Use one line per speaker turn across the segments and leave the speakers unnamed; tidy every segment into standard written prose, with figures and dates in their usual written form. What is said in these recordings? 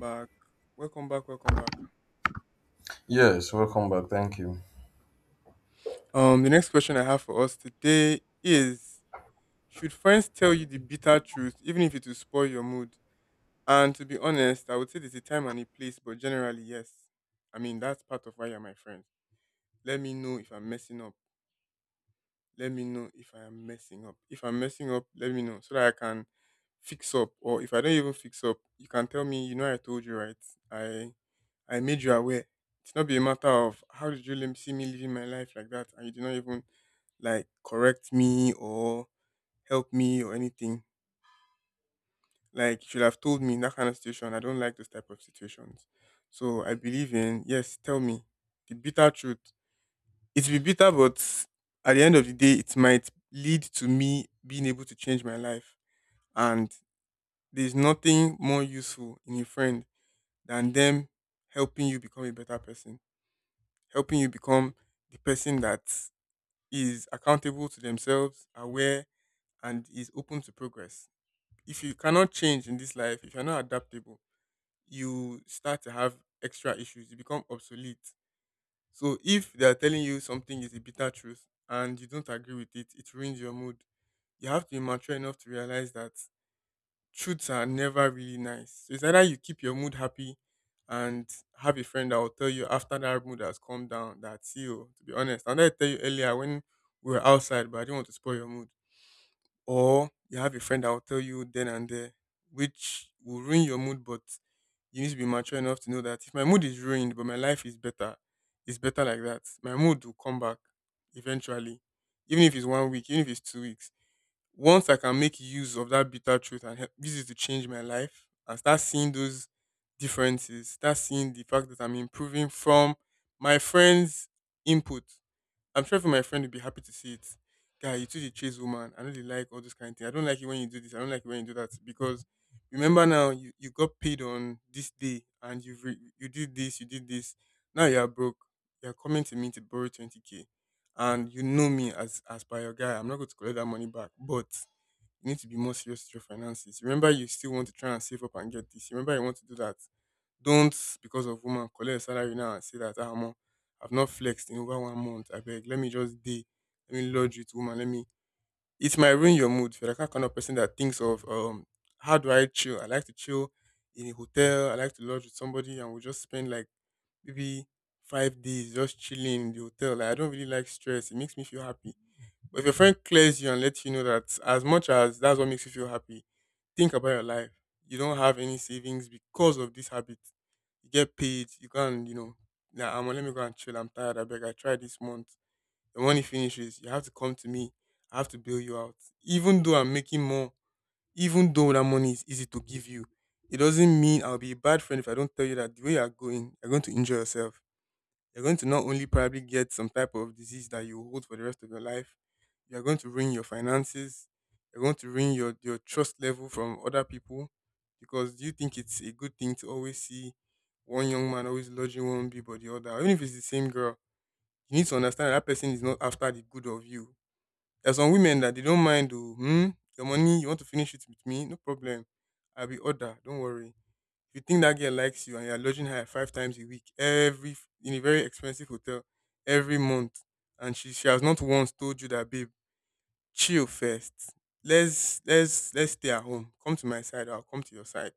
Back. Welcome back. Welcome back.
Yes, welcome back. Thank you.
The next question I have for us today is: should friends tell you the bitter truth, even if it will spoil your mood? And to be honest, I would say there's a time and a place, but generally, yes. I mean, that's part of why you're my friend. Let me know if I'm messing up. Let me know if I am messing up. If I'm messing up, let me know so that I can fix up. Or if I don't even fix up, you can tell me, I told you, right? I I made you aware. It's not be a matter of how did you see me living my life like that and you did not even like correct me or help me or anything. Like you should have told me in that kind of situation. I don't like those type of situations. So I believe in yes, tell me the bitter truth, it will be bitter, but at the end of the day, it might lead to me being able to change my life. And there's nothing more useful in a friend than them helping you become a better person, helping you become the person that is accountable to themselves, aware, and is open to progress. If you cannot change in this life, if you're not adaptable, you start to have extra issues. You become obsolete. So if they are telling you something is a bitter truth and you don't agree with it, it ruins your mood. You have to be mature enough to realize that truths are never really nice. So it's either you keep your mood happy and have a friend that will tell you after that mood has calmed down that, see you, to be honest. And I tell you earlier when we were outside, but I didn't want to spoil your mood. Or you have a friend that will tell you then and there, which will ruin your mood, but you need to be mature enough to know that if my mood is ruined but my life is better, it's better like that. My mood will come back eventually, even if it's one week, even if it's 2 weeks. Once I can make use of that bitter truth and help, this is to change my life and start seeing those differences, start seeing the fact that I'm improving from my friends' input, I'm sure even my friend would be happy to see it. Guy, you too the chase woman. I know they like all those kind of things. I don't like it when you do this. I don't like it when you do that. Because remember now, you got paid on this day and you did this, you did this. Now you are broke. You are coming to me to borrow 20K. And you know me as by your guy. I'm not going to collect that money back. But you need to be more serious with your finances. Remember, you still want to try and save up and get this. Remember, you want to do that. Don't because of woman collect a salary now and say that ah omo, I've not flexed in over one month. I beg, let me just dey. Let me lodge with woman. Let me, it might ruin your mood. If you're the kind of person that thinks of how do I chill? I like to chill in a hotel. I like to lodge with somebody and we'll just spend like maybe 5 days just chilling in the hotel. Like I don't really like stress. It makes me feel happy. But if your friend clears you and lets you know that as much as that's what makes you feel happy, think about your life. You don't have any savings because of this habit. You get paid, you can and nah, I'm let me go and chill. I'm tired. I beg. I tried this month. The money finishes. You have to come to me. I have to bail you out. Even though I'm making more, even though that money is easy to give you, it doesn't mean I'll be a bad friend if I don't tell you that the way you're going to injure yourself, you're going to not only probably get some type of disease that you hold for the rest of your life, you're going to ruin your finances, you're going to ruin your trust level from other people. Because do you think it's a good thing to always see one young man always lodging one bee but the other? Even if it's the same girl, you need to understand that person is not after the good of you. There's some women that they don't mind, oh, your money, you want to finish it with me? No problem. I'll be order, don't worry, if you think that girl likes you and you're lodging her five times a week, every, in a very expensive hotel, every month, and she has not once told you that, babe, chill first. Let's stay at home. Come to my side, I'll come to your side.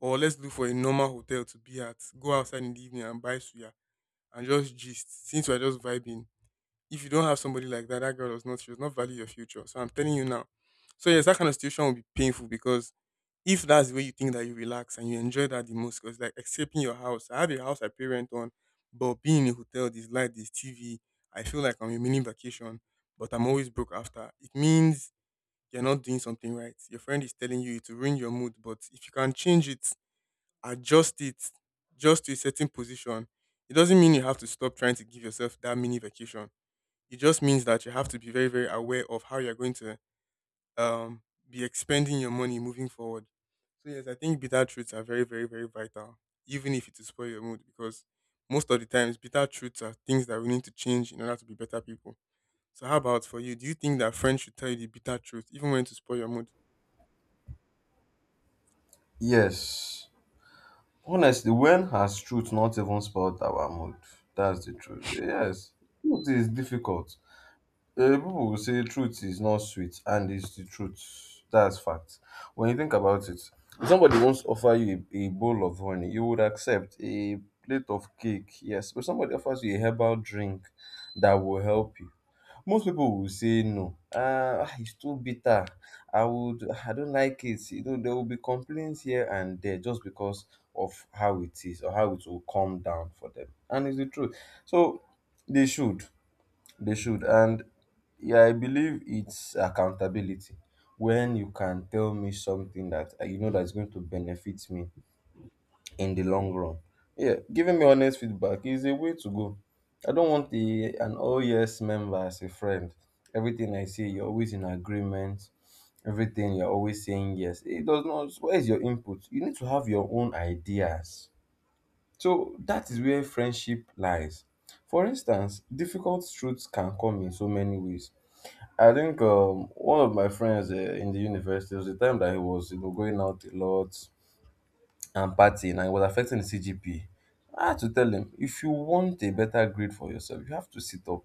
Or let's look for a normal hotel to be at. Go outside in the evening and buy suya and just gist. Since we're just vibing. If you don't have somebody like that, that girl does not, she does not value your future. So I'm telling you now. So yes, that kind of situation will be painful because if that's the way you think that you relax and you enjoy that the most, because like escaping your house, I have a house I pay rent on, but being in a hotel, this light, this TV, I feel like I'm a mini vacation, but I'm always broke after. It means you're not doing something right. Your friend is telling you to ruin your mood, but if you can change it, adjust it just to a certain position, it doesn't mean you have to stop trying to give yourself that mini vacation. It just means that you have to be very, very aware of how you're going to um be expending your money moving forward. So yes, I think bitter truths are very, very, very vital, even if it will spoil your mood, because most of the times bitter truths are things that we need to change in order to be better people. So how about for you? Do you think that friends should tell you the bitter truth, even when to spoil your mood?
Yes. Honestly, when has truth not even spoiled our mood? That's the truth. Yes. Truth is difficult. People will say truth is not sweet, and it's the truth. That's fact. When you think about it, if somebody wants to offer you a bowl of honey, you would accept a plate of cake. Yes. But somebody offers you a herbal drink that will help you. Most people will say no. "Ah, it's too bitter. I don't like it." You know, there will be complaints here and there just because of how it is or how it will come down for them. And it's the truth. So they should, they should. And yeah, I believe it's accountability. When you can tell me something that, you know, that is going to benefit me in the long run. Yeah, giving me honest feedback is a way to go. I don't want an all yes member as a friend. Everything I say, you're always in agreement. Everything, you're always saying yes. It does not. Where is your input? You need to have your own ideas. So that is where friendship lies. For instance, difficult truths can come in so many ways. I think one of my friends, in the university, there was a time that he was, going out a lot and party, and it was affecting the CGPA. I had to tell him, if you want a better grade for yourself, you have to sit up.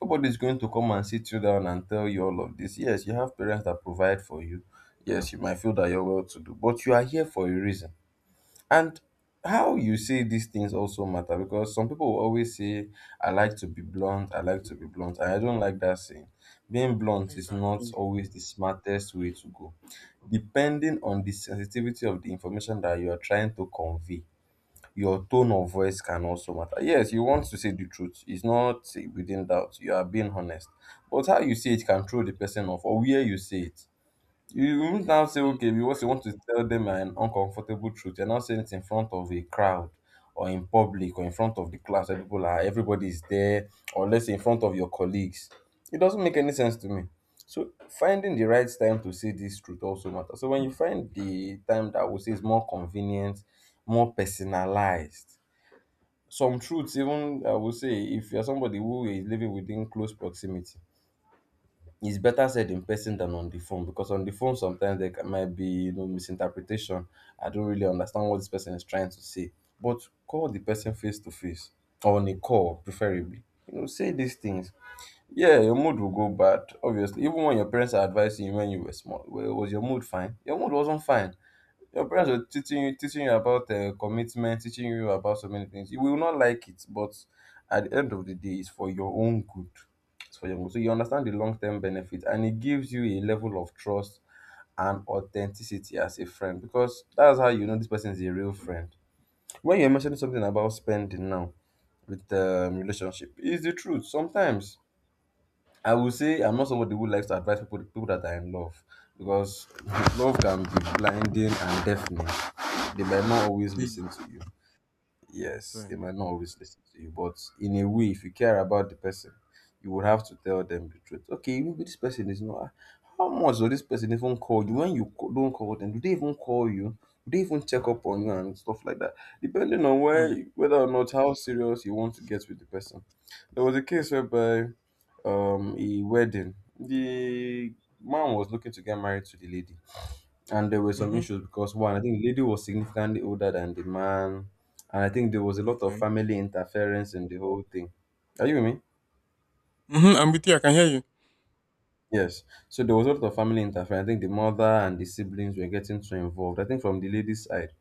Nobody's going to come and sit you down and tell you all of this. Yes, you have parents that provide for you. Yes, you might feel that you're well to do, but you are here for a reason. And how you say these things also matter, because some people will always say, I like to be blunt, I like to be blunt, and I don't like that saying. Being blunt is not
Exactly.
always the smartest way to go. Depending on the sensitivity of the information that you are trying to convey, your tone of voice can also matter. Yes, you want to say the truth, it's not within doubt, you are being honest. But how you say it can throw the person off, or where you say it. You won't now say,
Mm,
okay, because you want to tell them an uncomfortable truth, you're not saying it in front of a crowd or in public or in front of the class where people are, everybody is there, or let's say in front of your colleagues. It doesn't make any sense to me. So finding the right time to say this truth also matters. So when you find the time that I would say is more convenient, more personalized, some truths, even, I would say, if you're somebody who is living within close proximity, it's better said in person than on the phone, because on the phone sometimes there might be, misinterpretation. I don't really understand what this person is trying to say, but call the person face to face or on a call preferably, say these things. Yeah, your mood will go bad obviously. Even when your parents are advising you when you were small, well, was your mood fine? Your mood wasn't fine. Your parents are teaching you about, commitment, teaching you about so many things. You will not like it, but at the end of the day, it's for your own good. It's for your own good. So you understand the long term benefit, and it gives you a level of trust and authenticity as a friend, because that's how you know this person is a real friend. When you're mentioning something about spending now with, relationship, it's the truth. Sometimes I will say I'm not somebody who likes to advise people that are in love, because love can be blinding and deafening. They might not always
really,
listen to you.
I
Yes, they
swear.
might not always listen to you, but in a way, if you care about the person, you would have to tell them the truth. Okay, maybe this person is not. How much does this person even call you? When you don't call them, do they even call you? Do they even check up on you and stuff like that? Depending on where,
Mm.
whether or not, how serious you want to get with the person. There was a case whereby, a wedding, the man was looking to get married to the lady, and there were some
Mm-hmm.
issues because, one, I think the lady was significantly older than the man, and I think there was a lot of
Okay.
family interference in the whole thing. Are you with me?
Mm-hmm. I'm with you. I can hear you.
Yes. So there was a lot of family interference. I think the mother and the siblings were getting too involved. I think from the lady's side,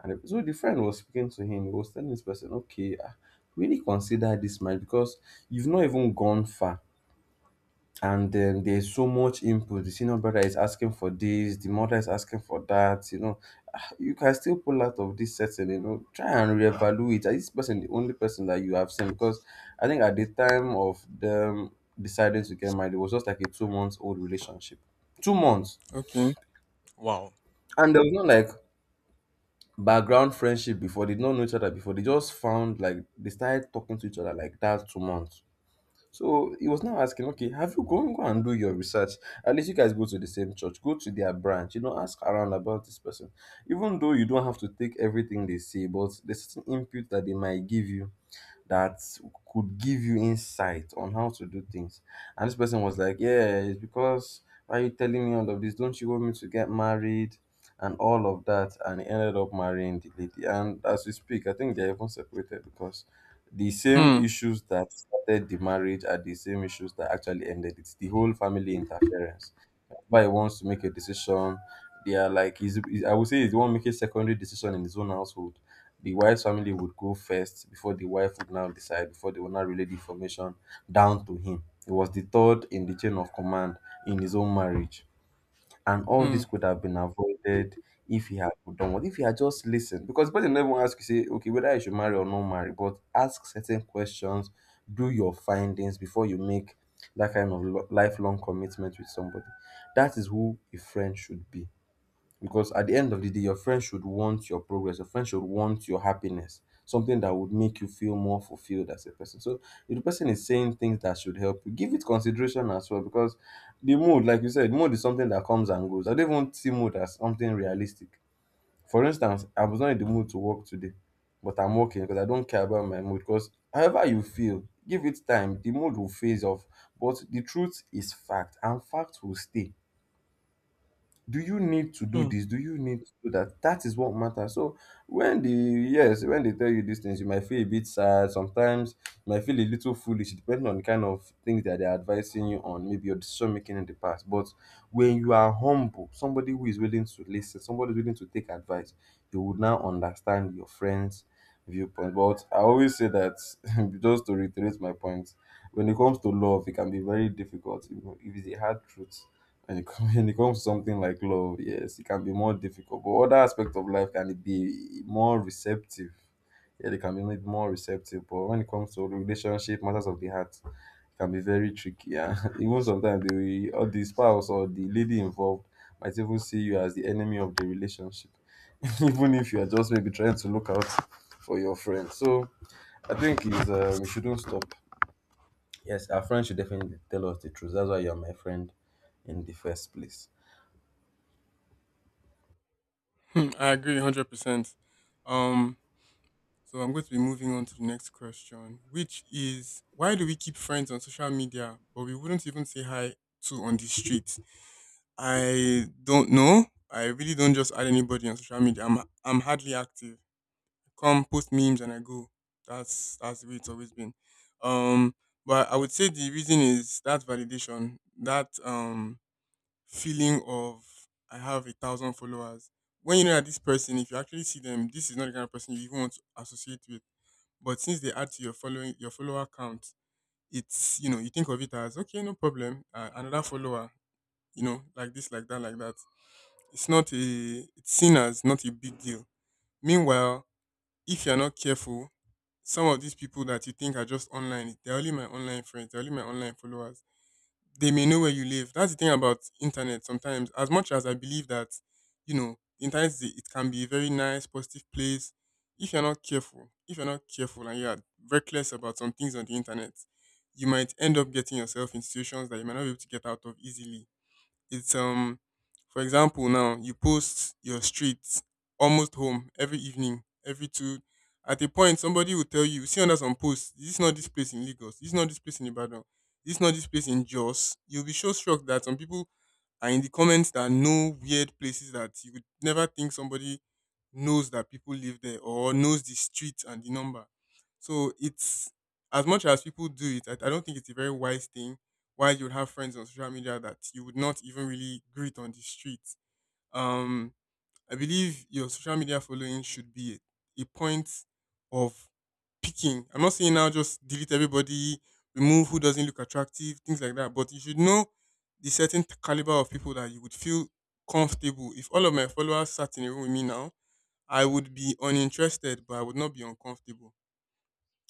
and so the friend was speaking to him. He was telling this person, "Okay, ah, really consider this marriage, because you've not even gone far." And then there's so much input. The senior brother is asking for this, the mother is asking for that. You know, ah, you can still pull out of this setting. You know, try and reevaluate. Is this person the only person that you have seen? Because I think at the time of them deciding to get married, it was just like a 2 months old relationship. 2 months,
Okay. Wow.
and there was not, like, background friendship before. They did not know each other before. They just found, like, they started talking to each other like that, 2 months. So he was now asking, okay, have you gone, go and do your research? At least you guys go to the same church, go to their branch, you know, ask around about this person. Even though you don't have to take everything they say, but there's certain input that they might give you that could give you insight on how to do things. And this person was like, yeah, it's because, why are you telling me all of this? Don't you want me to get married? And all of that, and he ended up marrying the lady. And as we speak, I think they're even separated, because the same
Hmm.
issues that started the marriage are the same issues that actually ended it. It's the whole family interference. Why he wants to make a decision, they are like, I would say he's the one making secondary decision in his own household. The wife's family would go first before the wife would now decide, before they would now relay the information down to him. He was the third in the chain of command in his own marriage. And all
Hmm.
this could have been avoided if he had done what? If he had just listened. Because the person never won't ask you, say, okay, whether you should marry or not marry, but ask certain questions, do your findings before you make that kind of lifelong commitment with somebody. That is who a friend should be. Because at the end of the day, your friends should want your progress. Your friends should want your happiness. Something that would make you feel more fulfilled as a person. So if the person is saying things that should help you, give it consideration as well. Because the mood, like you said, mood is something that comes and goes. I don't even see mood as something realistic. For instance, I was not in the mood to work today, but I'm working because I don't care about my mood. Because however you feel, give it time. The mood will phase off. But the truth is fact, and fact will stay. Do you need to do
Hmm.
this? Do you need to do that? That is what matters. So when the yes, when they tell you these things, you might feel a bit sad. Sometimes you might feel a little foolish, depending on the kind of things that they're advising you on, maybe your decision making in the past. But when you are humble, somebody who is willing to listen, somebody who is willing to take advice, you would now understand your friends' viewpoint. But I always say that, just to reiterate my point, when it comes to love, it can be very difficult. You know, if it's a hard truth, when when it comes to something like love, yes, it can be more difficult. But other aspects of life can be more receptive. Yeah, they can be made more receptive. But when it comes to relationship, matters of the heart, it can be very tricky. Yeah. Even sometimes the spouse or the lady involved might even see you as the enemy of the relationship. Even if you are just maybe trying to look out for your friend. So I think is we shouldn't stop. Yes, our friends should definitely tell us the truth. That's why you're my friend in the first place.
Hmm. I agree 100%. Um, So I'm going to be moving on to the next question, which is why do we keep friends on social media but we wouldn't even say hi to on the street? I don't know. I really don't just add anybody on social media. I'm hardly active. Come post memes and I go. That's the way it's always been. Um but I would say the reason is that validation, that feeling of I have a thousand followers. When you know that this person, if you actually see them, this is not the kind of person you even want to associate with, but since they add to your following, your follower count, it's, you think of it as okay, no problem, another follower, you know, like this, like that, like that. It's seen as not a big deal. Meanwhile, if you're not careful, some of these people that you think are just online, they're only my online friends, they're only my online followers, they may know where you live. That's the thing about internet sometimes. As much as I believe that, the internet it can be a very nice, positive place. If you're not careful, if you're not careful and you're reckless about some things on the internet, you might end up getting yourself in situations that you might not be able to get out of easily. It's For example, now you post your street almost home every evening, every two, at a point somebody will tell you, you see under some posts, this is not this place in Lagos, this is not this place in Ibadan, this is not this place in Jos. You'll be so struck that some people are in the comments that know weird places that you would never think somebody knows that people live there or knows the street and the number. So it's, as much as people do it, I don't think it's a very wise thing why you would have friends on social media that you would not even really greet on the street. Um, I believe your social media following should be a point of picking. I'm not saying now just delete everybody, remove who doesn't look attractive, things like that. But you should know the certain caliber of people that you would feel comfortable. If all of my followers sat in a room with me now, I would be uninterested, but I would not be uncomfortable.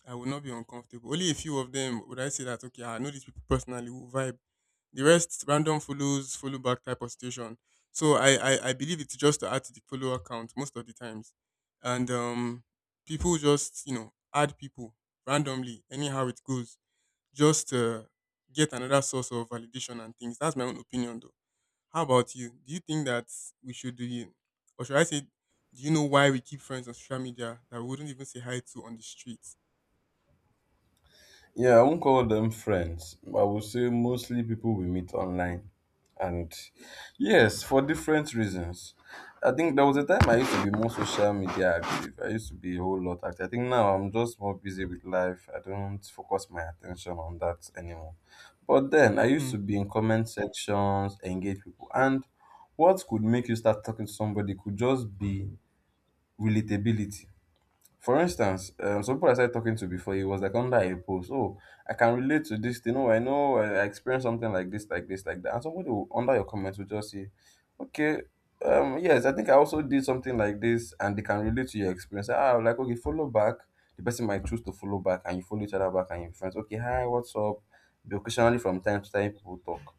I would not be uncomfortable. Only a few of them would I say that okay, I know these people personally will vibe. The rest random follows, follow back type of situation. So I believe it's just to add to the follower count most of the times, and people just add people randomly anyhow it goes just to get another source of validation and things. That's my own opinion though. How about you? Do you think that we should do it, or should I say, do you know why we keep friends on social media that we wouldn't even say hi to on the streets?
Yeah, I won't call them friends. I would say mostly people we meet online. And yes, for different reasons. I think there was a time I used to be more social media active. I used to be a whole lot active. I think now I'm just more busy with life. I don't focus my attention on that anymore. But then I used to be in comment sections, engage people. And what could make you start talking to somebody could just be relatability. For instance, some people I started talking to before, he was like under a post. Oh, I can relate to this thing. Oh, I know I experienced something like this, like this, like that. And somebody will, under your comments will just say, okay, yes, I think I also did something like this, and they can relate to your experience. Ah, I'm like okay, follow back. The person might choose to follow back, and you follow each other back, and you are friends. Okay, hi, what's up? Be occasionally from time to time, people talk,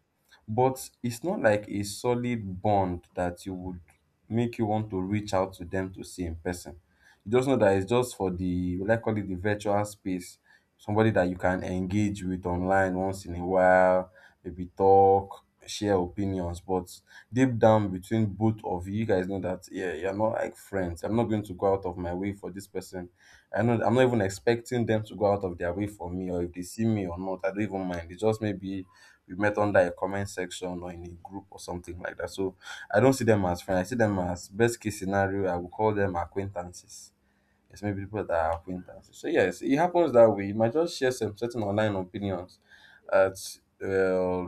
but it's not like a solid bond that you would make you want to reach out to them to see in person. You just know that it's just for the, will I call it the virtual space, somebody that you can engage with online once in a while, maybe talk, share opinions. But deep down between both of you, you guys know that yeah, you're not like friends. I'm not going to go out of my way for this person. I know I'm not even expecting them to go out of their way for me, or if they see me or not, I don't even mind. It's just maybe we met under a comment section or in a group or something like that. So I don't see them as friends. I see them as best case scenario. I would call them acquaintances. Yes, maybe people that are acquaintances. So yes, it happens that way. You might just share some certain online opinions. At, uh,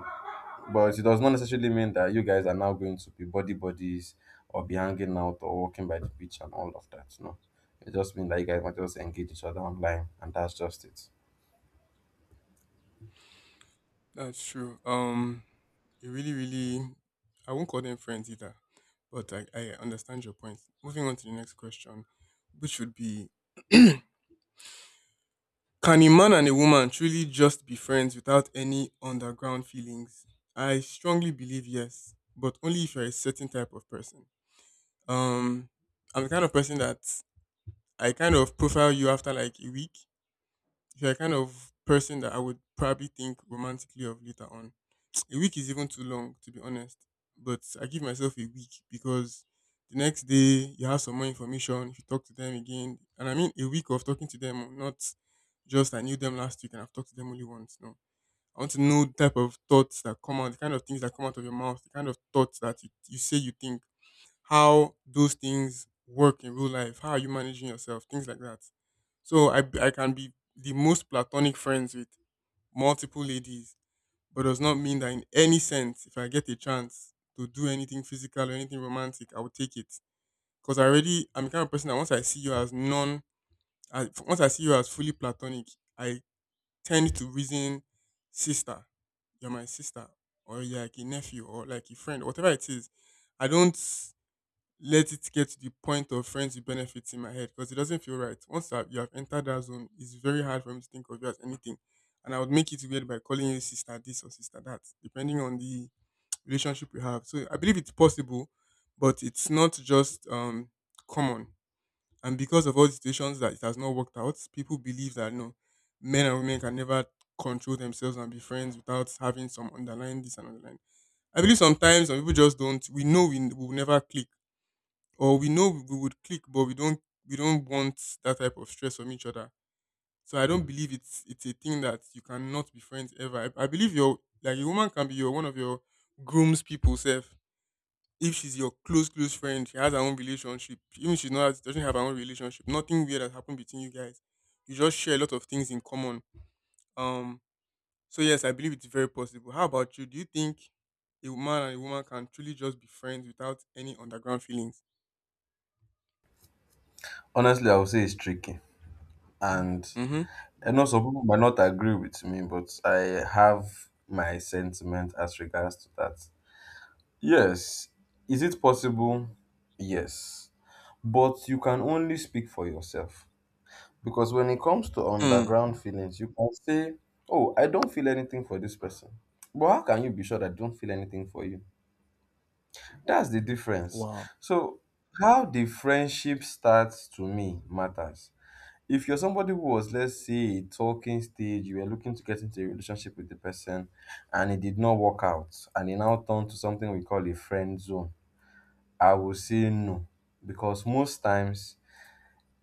but it does not necessarily mean that you guys are now going to be buddy buddies or be hanging out or walking by the beach and all of that. No, it just means that you guys might just engage each other online, and that's just it.
That's true. It really, really, I won't call them friends either, but I understand your point. Moving on to the next question, which would be can a man and a woman truly just be friends without any underground feelings? I strongly believe yes, but only if you're a certain type of person. Um, I'm the kind of person that I kind of profile you after like a week. If you're a kind of person that I would probably think romantically of later on. A week is even too long, to be honest. But I give myself a week because the next day you have some more information. If you talk to them again, and I mean a week of talking to them, not just I knew them last week and I've talked to them only once. No, I want to know the type of thoughts that come out, the kind of things that come out of your mouth, the kind of thoughts that you say you think, how those things work in real life, how are you managing yourself, things like that. So I can be the most platonic friends with multiple ladies but does not mean that in any sense, if I get a chance to do anything physical or anything romantic, I will take it. Because I'm the kind of person that once I see you as once I see you as fully platonic, I tend to reason, sister, you're my sister, or you're like a nephew, or like a friend, whatever it is. I don't let it get to the point of friends with benefits in my head because it doesn't feel right. Once you have entered that zone, it's very hard for me to think of you as anything. And I would make it weird by calling you sister this or sister that, depending on the relationship you have. So I believe it's possible, but it's not just common. And because of all the situations that it has not worked out, people believe that no, men and women can never control themselves and be friends without having some underlying this and underlying. I believe sometimes some people just don't. We know we will never click or we know we would click but we don't want that type of stress from each other, so I don't believe it's a thing that you cannot be friends ever. I believe your like a woman can be your one of your groom's people self. If she's your close friend, she has her own relationship. Even if she's not doesn't have her own relationship, nothing weird has happened between you guys, you just share a lot of things in common. um so yes, I believe it's very possible. How about you? Do you think a woman and a woman can truly just be friends without any underground feelings?
Honestly, I would say it's tricky. And
Mm-hmm.
I know some people might not agree with me, but I have my sentiment as regards to that. Yes. Is it possible? Yes. But you can only speak for yourself. Because when it comes to
Hmm.
underground feelings, you can say, oh, I don't feel anything for this person. But how can you be sure that they don't feel anything for you? That's the difference.
Wow.
So, how the friendship starts to me matters. If you're somebody who was, let's say, a talking stage, you were looking to get into a relationship with the person and it did not work out, and it now turned to something we call a friend zone, I would say no. Because most times,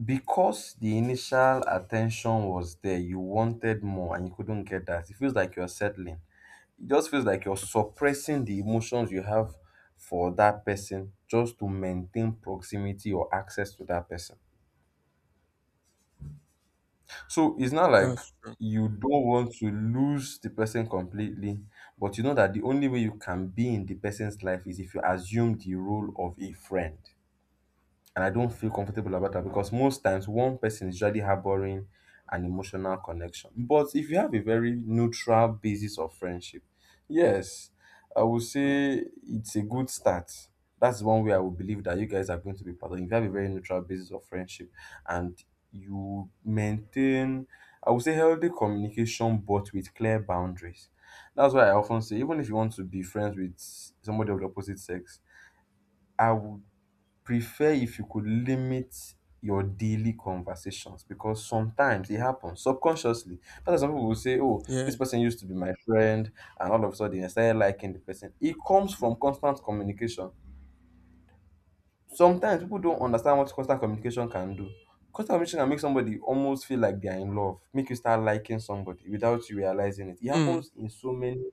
because the initial attention was there, you wanted more and you couldn't get that, it feels like you're settling. It just feels like you're suppressing the emotions you have for that person just to maintain proximity or access to that person. So it's not like
That's true.
you don't want to lose the person completely, but you know that the only way you can be in the person's life is if you assume the role of a friend, and I don't feel comfortable about that because most times one person is usually harboring an emotional connection. But if you have a very neutral basis of friendship, yes, I would say it's a good start. That's one way I would believe that you guys are going to be partnering. If you have a very neutral basis of friendship and you maintain, I would say, healthy communication but with clear boundaries. That's why I often say, even if you want to be friends with somebody of the opposite sex, I would prefer if you could limit your daily conversations because sometimes it happens subconsciously. That's why some people will say, oh,
Yeah.
this person used to be my friend, and all of a sudden I started liking the person. It comes from constant communication. Sometimes people don't understand what constant communication can do. Constant communication can make somebody almost feel like they are in love, make you start liking somebody without you realizing it. It
Mm.
happens in so many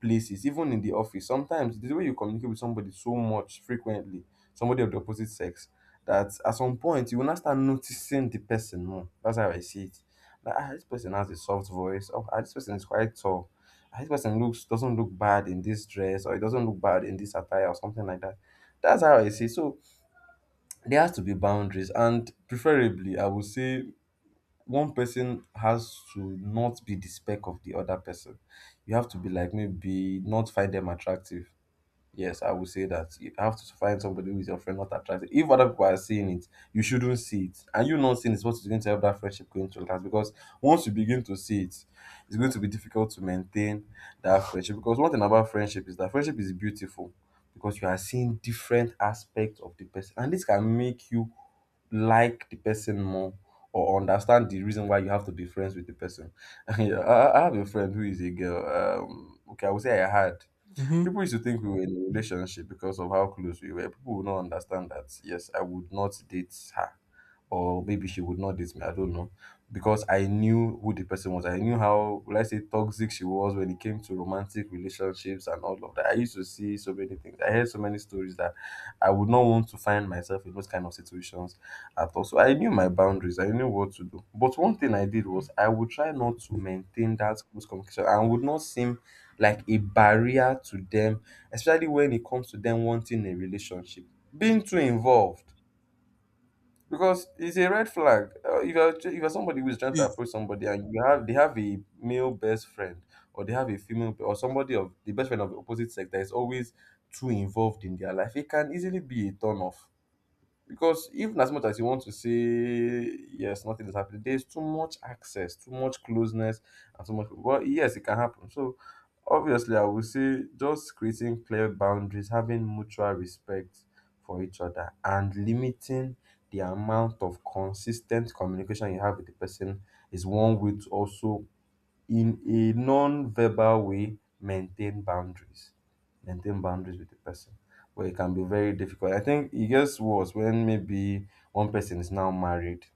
places, even in the office. Sometimes the way you communicate with somebody so much frequently, somebody of the opposite sex, that at some point you will now start noticing the person more. That's how I see it. Like, ah, this person has a soft voice. Oh, ah, this person is quite tall. Ah, this person looks, doesn't look bad in this dress, or it doesn't look bad in this attire or something like that. That's how I see. So there has to be boundaries, and preferably I would say one person has to not be the spec of the other person. You have to be like maybe not find them attractive. Yes, I would say that you have to find somebody who is your friend, not attractive. If other people are seeing it, you shouldn't see it. And you not seeing it is what is going to help that friendship going to last. Because once you begin to see it, it's going to be difficult to maintain that friendship. Because one thing about friendship is that friendship is beautiful because you are seeing different aspects of the person. And this can make you like the person more or understand the reason why you have to be friends with the person. Yeah, I have a friend who is a girl. Okay, I would say I had.
Mm-hmm.
People used to think we were in a relationship because of how close we were. People would not understand that, yes, I would not date her. Or maybe she would not date me. I don't know. Because I knew who the person was. I knew how, let's say, toxic she was when it came to romantic relationships and all of that. I used to see so many things. I heard so many stories that I would not want to find myself in those kind of situations at all. So I knew my boundaries. I knew what to do. But one thing I did was I would try not to maintain that close communication and would not seem like a barrier to them, especially when it comes to them wanting a relationship. Being too involved, because it's a red flag. If you're somebody who's trying
It
to
is.
approach somebody and you have they have a male best friend, or they have a female or somebody of the best friend of the opposite sex that is always too involved in their life, it can easily be a turn off. Because even as much as you want to say yes, nothing is happening, there's too much access, too much closeness, and so much. Well, yes, it can happen. So obviously, I would say just creating clear boundaries, having mutual respect for each other, and limiting the amount of consistent communication you have with the person is one way to also in a non-verbal way maintain boundaries, maintain boundaries with the person but it can be very difficult. I think it gets worse when maybe one person is now married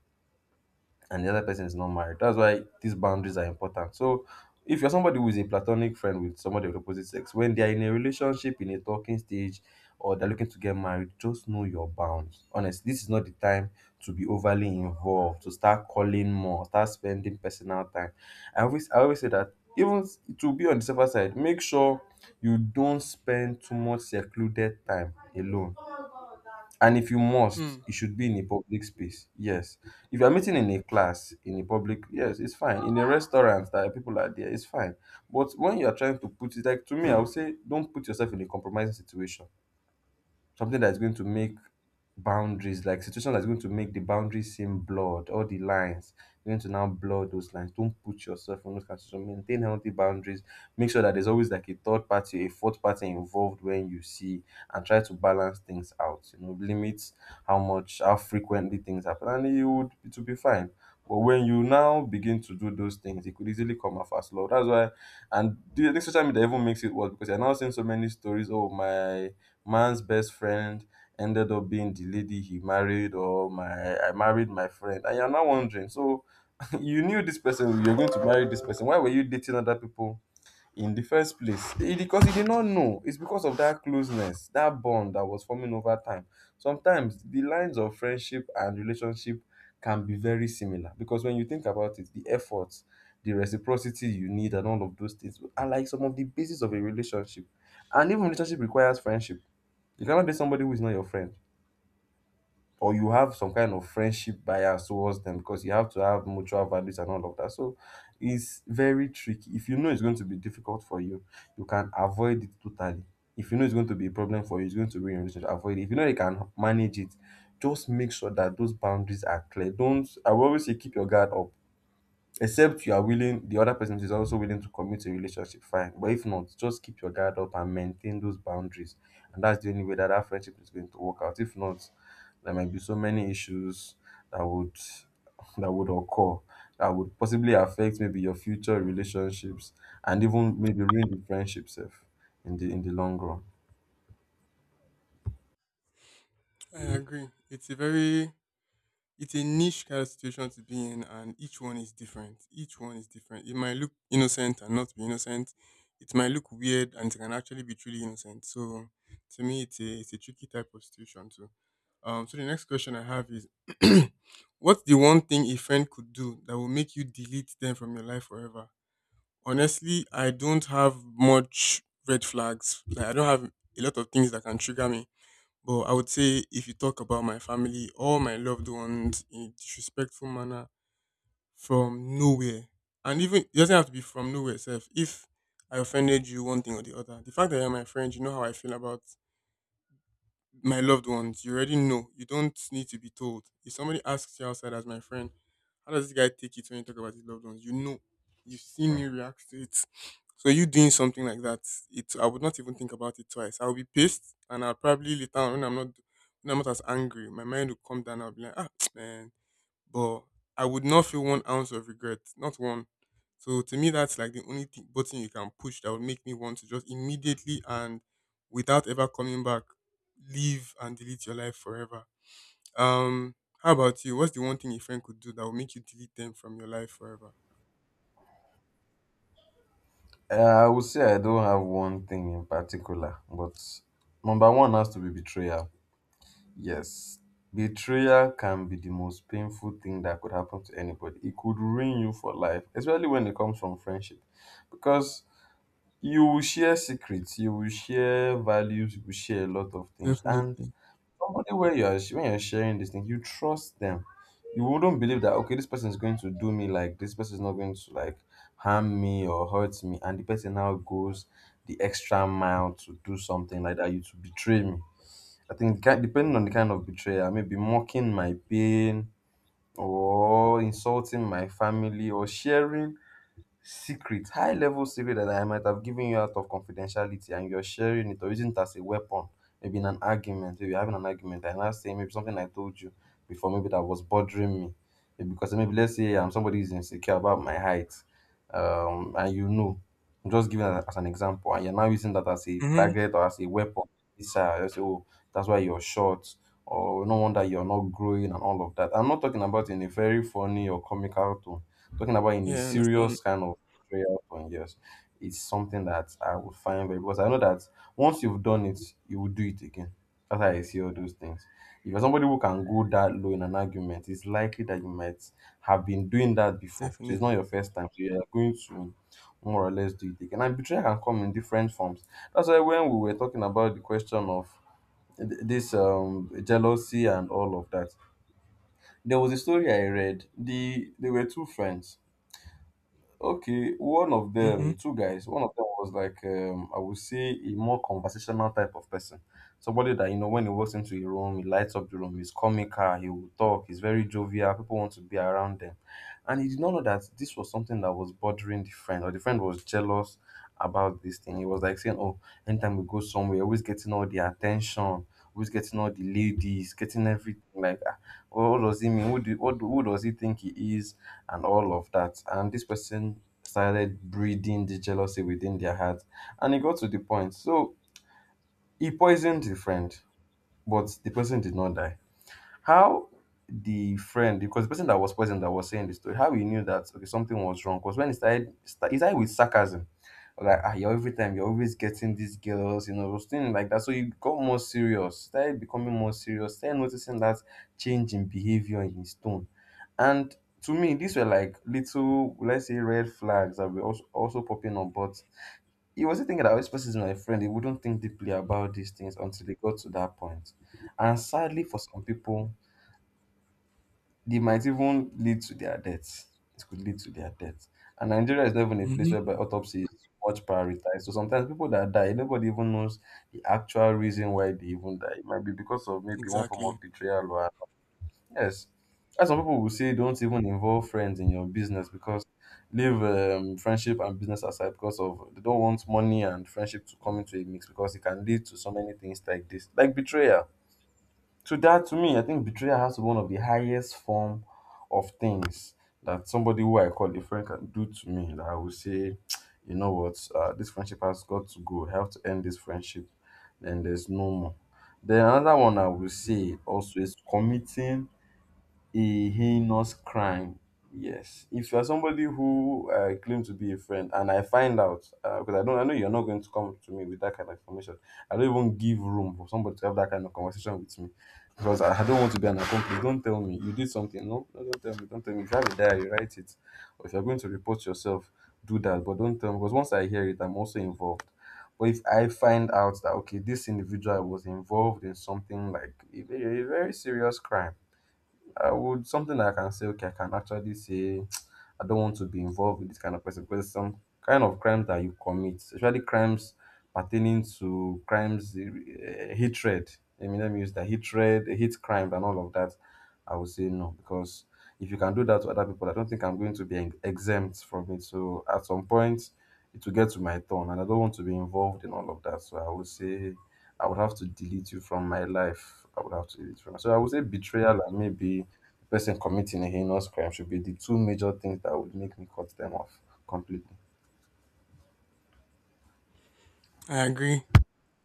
and the other person is not married. That's why these boundaries are important. So if you're somebody who is a platonic friend with somebody of the opposite sex, when they are in a relationship, in a talking stage, or they're looking to get married, just know your bounds. Honestly, this is not the time to be overly involved, to start calling more, start spending personal time. I always say that, to be on the safer side, make sure you don't spend too much secluded time alone, and if you must,
Mm.
it should be in a public space. Yes. If you're meeting in a class, in a public, yes, it's fine. In a restaurant that people are there, it's fine. But when you're trying to put it, like to me, I would say, don't put yourself in a compromising situation, something that's going to make boundaries, like situation that's going to make the boundaries seem blurred, all the lines. You're going to now blur those lines. Don't put yourself in those kinds of situations. Maintain healthy boundaries. Make sure that there's always like a third party, a fourth party involved when you see, and try to balance things out. You know, limit how much, how frequently things happen, and it will be fine. But when you now begin to do those things, it could easily come off as love. That's why, and the social media even makes it worse because you're now seeing so many stories. Oh, my man's best friend ended up being the lady he married, or my I married my friend, and you're now wondering, so you knew this person, you're going to marry this person, why were you dating other people in the first place? It, because you did not know. It's because of that closeness, that bond that was forming over time. Sometimes the lines of friendship and relationship can be very similar, because when you think about it, the effort, the reciprocity you need and all of those things are like some of the basis of a relationship. And even relationship requires friendship. You cannot date somebody who is not your friend, or you have some kind of friendship bias towards them, because you have to have mutual values and all of that. So it's very tricky. If you know it's going to be difficult for you, you can avoid it totally. If you know it's going to be a problem for you, it's going to ruin your relationship, avoid it. If you know you can manage it, just make sure that those boundaries are clear. Don't— I will always say keep your guard up, except you are willing, the other person is also willing to commit a relationship, fine. But if not, just keep your guard up and maintain those boundaries, and that's the only way that that friendship is going to work out. If not, there might be so many issues that would— that would occur, that would possibly affect maybe your future relationships and even maybe ruin the friendship self in the long run.
I agree. It's a niche kind of situation to be in, and each one is different. Each one is different. It might look innocent and not be innocent. It might look weird and it can actually be truly innocent. So to me it's a tricky type of situation too. So the next question I have is what's the one thing a friend could do that will make you delete them from your life forever? Honestly, I don't have much red flags. Like I don't have a lot of things that can trigger me. But I would say if you talk about my family or my loved ones in a disrespectful manner from nowhere, and even it doesn't have to be from nowhere itself. If I offended you one thing or the other, the fact that you're my friend, you know how I feel about my loved ones, you already know. You don't need to be told. If somebody asks you outside as my friend, how does this guy take it when you talk about his loved ones? You know. You've seen me react to it. So you doing something like that, it I would not even think about it twice. I'll be pissed and I'll probably later on when I'm not as angry, my mind will come down, I'll be like, ah man, but I would not feel one ounce of regret, not one. So to me, that's like the only thing, button you can push that would make me want to just immediately and without ever coming back, leave and delete your life forever. Um, how about you? What's the one thing a friend could do that would make you delete them from your life forever?
I would say I don't have one thing in particular, but number one has to be betrayal. Yes, betrayal can be the most painful thing that could happen to anybody. It could ruin you for life, especially when it comes from friendship. Because you will share secrets, you will share values, you will share a lot of things. And
Definitely.
somebody, when you're sharing these things, you trust them. You wouldn't believe that, okay, this person is going to do me, like this person is not going to like harm me or hurt me, and the person now goes the extra mile to do something like that, you to betray me. I think depending on the kind of betrayal, maybe mocking my pain, or insulting my family, or sharing secret, high level secret that I might have given you out of confidentiality, and you're sharing it or using it as a weapon, maybe in an argument. Maybe you're having an argument and I say maybe something I told you before, maybe that was bothering me. Maybe because, maybe let's say, somebody is insecure about my height, um, and you know, I'm just giving that as an example, and you're now using that as a
Mm-hmm.
target or as a weapon. This, you say, oh, that's why you're short, or no wonder you're not growing, and all of that. I'm not talking about in a very funny or comical tone, talking about in a
Yeah, I understand.
serious kind of betrayal tone. Yes, it's something that I would find very, because I know that once you've done it, you will do it again. That's how I see all those things. If you're somebody who can go that low in an argument, it's likely that you might have been doing that before. So it's not
Definitely.
your first time, so you're going to more or less do it again. And betrayal can come in different forms. That's why when we were talking about the question of this jealousy and all of that, there was a story I read. They were two friends. Okay, one of
Mm-hmm.
them, two guys, one of them was like, I would say a more conversational type of person. Somebody that, you know, when he walks into a room, he lights up the room, he's comical, he will talk, he's very jovial, people want to be around them. And he did not know that this was something that was bothering the friend, or the friend was jealous about this thing. He was like saying, oh, anytime we go somewhere, always getting all the attention, always getting all the ladies, getting everything. Like, ah, what does he mean? Who, do, who does he think he is? And all of that. And this person started breeding the jealousy within their heart. And it got to the point. So he poisoned the friend, but the person did not die. How the friend, because the person that was present that was saying the story, how he knew that okay, something was wrong was when he started he started with sarcasm. Like, ah, you're every time you're always getting these girls, you know, those things like that. So he got more serious, started becoming more serious, started noticing that change in behavior, in his tone. And to me, these were like little, let's say, red flags that were also, also popping up. But he wasn't thinking that, oh, this person is my friend. He wouldn't think deeply about these things until they got to that point. And sadly, for some people, they might even lead to their deaths. It could lead to their deaths. And Nigeria is not even a place
Mm-hmm.
whereby autopsy is much prioritized. So sometimes people that die, nobody even knows the actual reason why they even die. It might be because of maybe one form
Exactly.
of betrayal or, yes. As some people will say, don't even involve friends in your business, because leave friendship and business aside, because of they don't want money and friendship to come into a mix, because it can lead to so many things like this, like betrayal. So that to me, I think betrayal has to be one of the highest form of things that somebody who I call a friend can do to me. That I will say, you know what, this friendship has got to go. I have to end this friendship. Then there's no more. Then another one I will say also is committing a heinous crime. Yes, if you are somebody who claim to be a friend, and I find out, because I don't, I know you're not going to come to me with that kind of information. I don't even give room for somebody to have that kind of conversation with me, because I don't want to be an accomplice. Don't tell me you did something. No, no, don't tell me. Don't tell me. If you have a diary, write it. Or if you're going to report yourself, do that. But don't tell me, because once I hear it, I'm also involved. But if I find out that okay, this individual was involved in something like a very serious crime, I would— something I can say, okay, I can actually say, I don't want to be involved with this kind of person, because some kind of crimes that you commit, especially crimes pertaining to crimes, hatred. I mean, let me use that, hatred, hate crimes, and all of that. I would say no, because if you can do that to other people, I don't think I'm going to be exempt from it. So at some point, it will get to my turn, and I don't want to be involved in all of that. So I would say I would have to delete you from my life. I would have to delete from. So I would say betrayal and maybe the person committing a heinous crime should be the two major things that would make me cut them off completely.
I agree,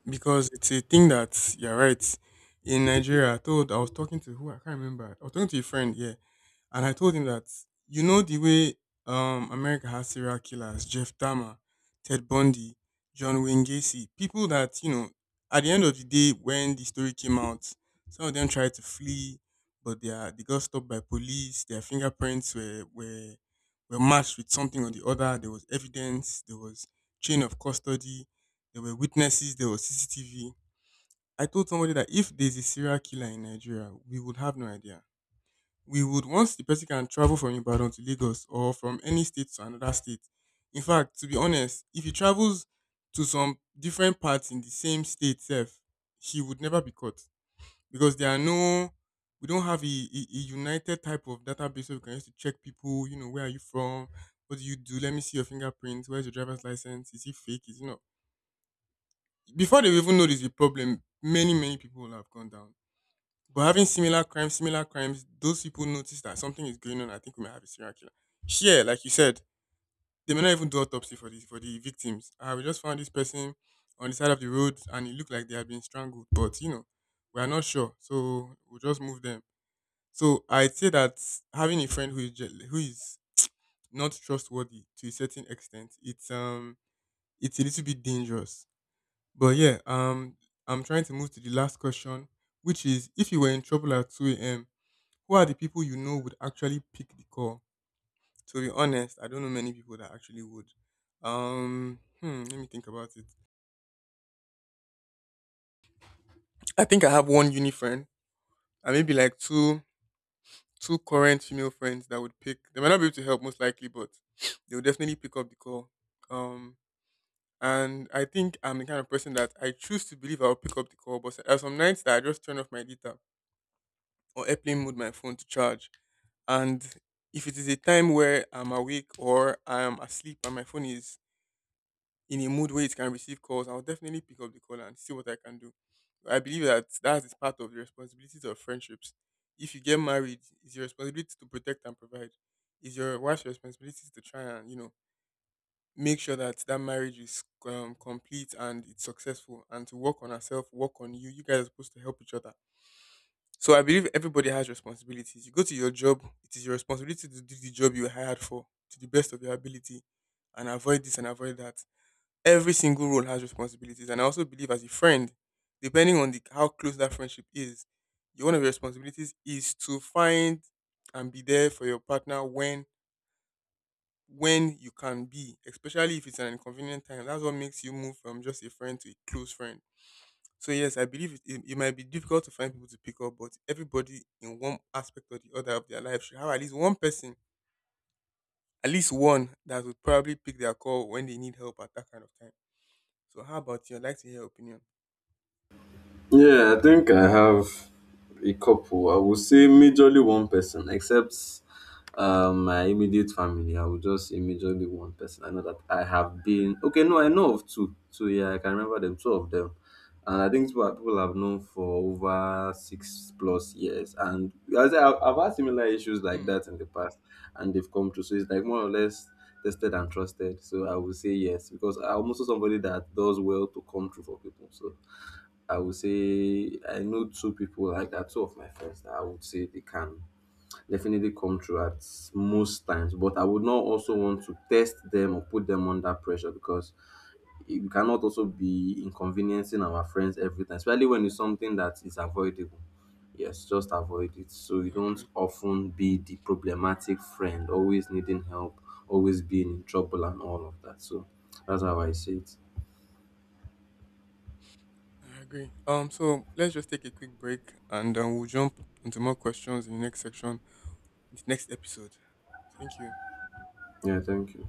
because it's a thing that you're right. In Nigeria, I was talking to who I can't remember. I was talking to a friend, yeah. And I told him that, the way America has serial killers, Jeff Dahmer, Ted Bundy, John Wayne Gacy, people that, at the end of the day, when the story came out, some of them tried to flee, but they got stopped by police. Their fingerprints were matched with something or the other. There was evidence, there was chain of custody, there were witnesses, there was CCTV. I told somebody that if there's a serial killer in Nigeria, we would have no idea. We would Once the person can travel from Ibadan to Lagos or from any state to another state. In fact, to be honest, if he travels to some different parts in the same state itself, he would never be caught because there are no we don't have a united type of database where we can use to check people. Where are you from? What do you do? Let me see your fingerprints. Where's your driver's license? Is it fake? Is it not? Before they even know there's a problem, many, many people will have gone down. But having similar crimes, those people notice that something is going on. I think we may have a serial killer. Here, like you said, they may not even do autopsy for the victims. We just found this person on the side of the road, and it looked like they had been strangled. But we are not sure, so we'll just move them. So I'd say that having a friend who is who is not trustworthy to a certain extent, it's a little bit dangerous. But yeah, I'm trying to move to the last question, which is if you were in trouble at 2 a.m., who are the people you know would actually pick the call? To be honest, I don't know many people that actually would. Let me think about it. I think I have one uni friend, and maybe like two current female friends that would pick. They might not be able to help most likely, but they would definitely pick up the call. Um, and I think I'm the kind of person that I choose to believe I'll pick up the call, but there are some nights that I just turn off my data or airplane mode my phone to charge, and if it is a time where I'm awake or I'm asleep and my phone is in a mood where it can receive calls, I'll definitely pick up the call and see what I can do. I believe that that is part of the responsibilities of friendships. If you get married, it's your responsibility to protect and provide. It's your wife's responsibility to try and make sure that that marriage is complete and it's successful, and to work on herself, work on you. You guys are supposed to help each other. So I believe everybody has responsibilities. You go to your job, it is your responsibility to do the job you were hired for to the best of your ability, and avoid this and avoid that. Every single role has responsibilities. And I also believe as a friend, depending on the how close that friendship is, your one of your responsibilities is to find and be there for your partner when you can be, especially if it's an inconvenient time. That's what makes you move from just a friend to a close friend. So yes, I believe it might be difficult to find people to pick up, but everybody in one aspect or the other of their life should have at least one person, at least one that would probably pick their call when they need help at that kind of time. So how about you? I'd like to hear your opinion.
Yeah, I think I have a couple. I would say majorly one person, except my immediate family. I would just say majorly one person. I know that I have been okay. No, I know of two. So yeah, I can remember them. Two of them, and I think people people I've known for over 6+ years. And I've had similar issues like that in the past, and they've come through. So it's like more or less tested and trusted. So I would say yes, because I'm also somebody that does well to come through for people. So. I would say I know two people like that, two of my friends that I would say they can definitely come through at most times. But I would not also want to test them or put them under pressure, because we cannot also be inconveniencing our friends every time, especially when it's something that is avoidable. Yes, just avoid it. So you don't
Exactly.
often be the problematic friend, always needing help, always being in trouble and all of that. So that's how I see it.
I agree. So let's just take a quick break and we'll jump into more questions in the next section, in the next episode. Thank you.
Yeah, thank you.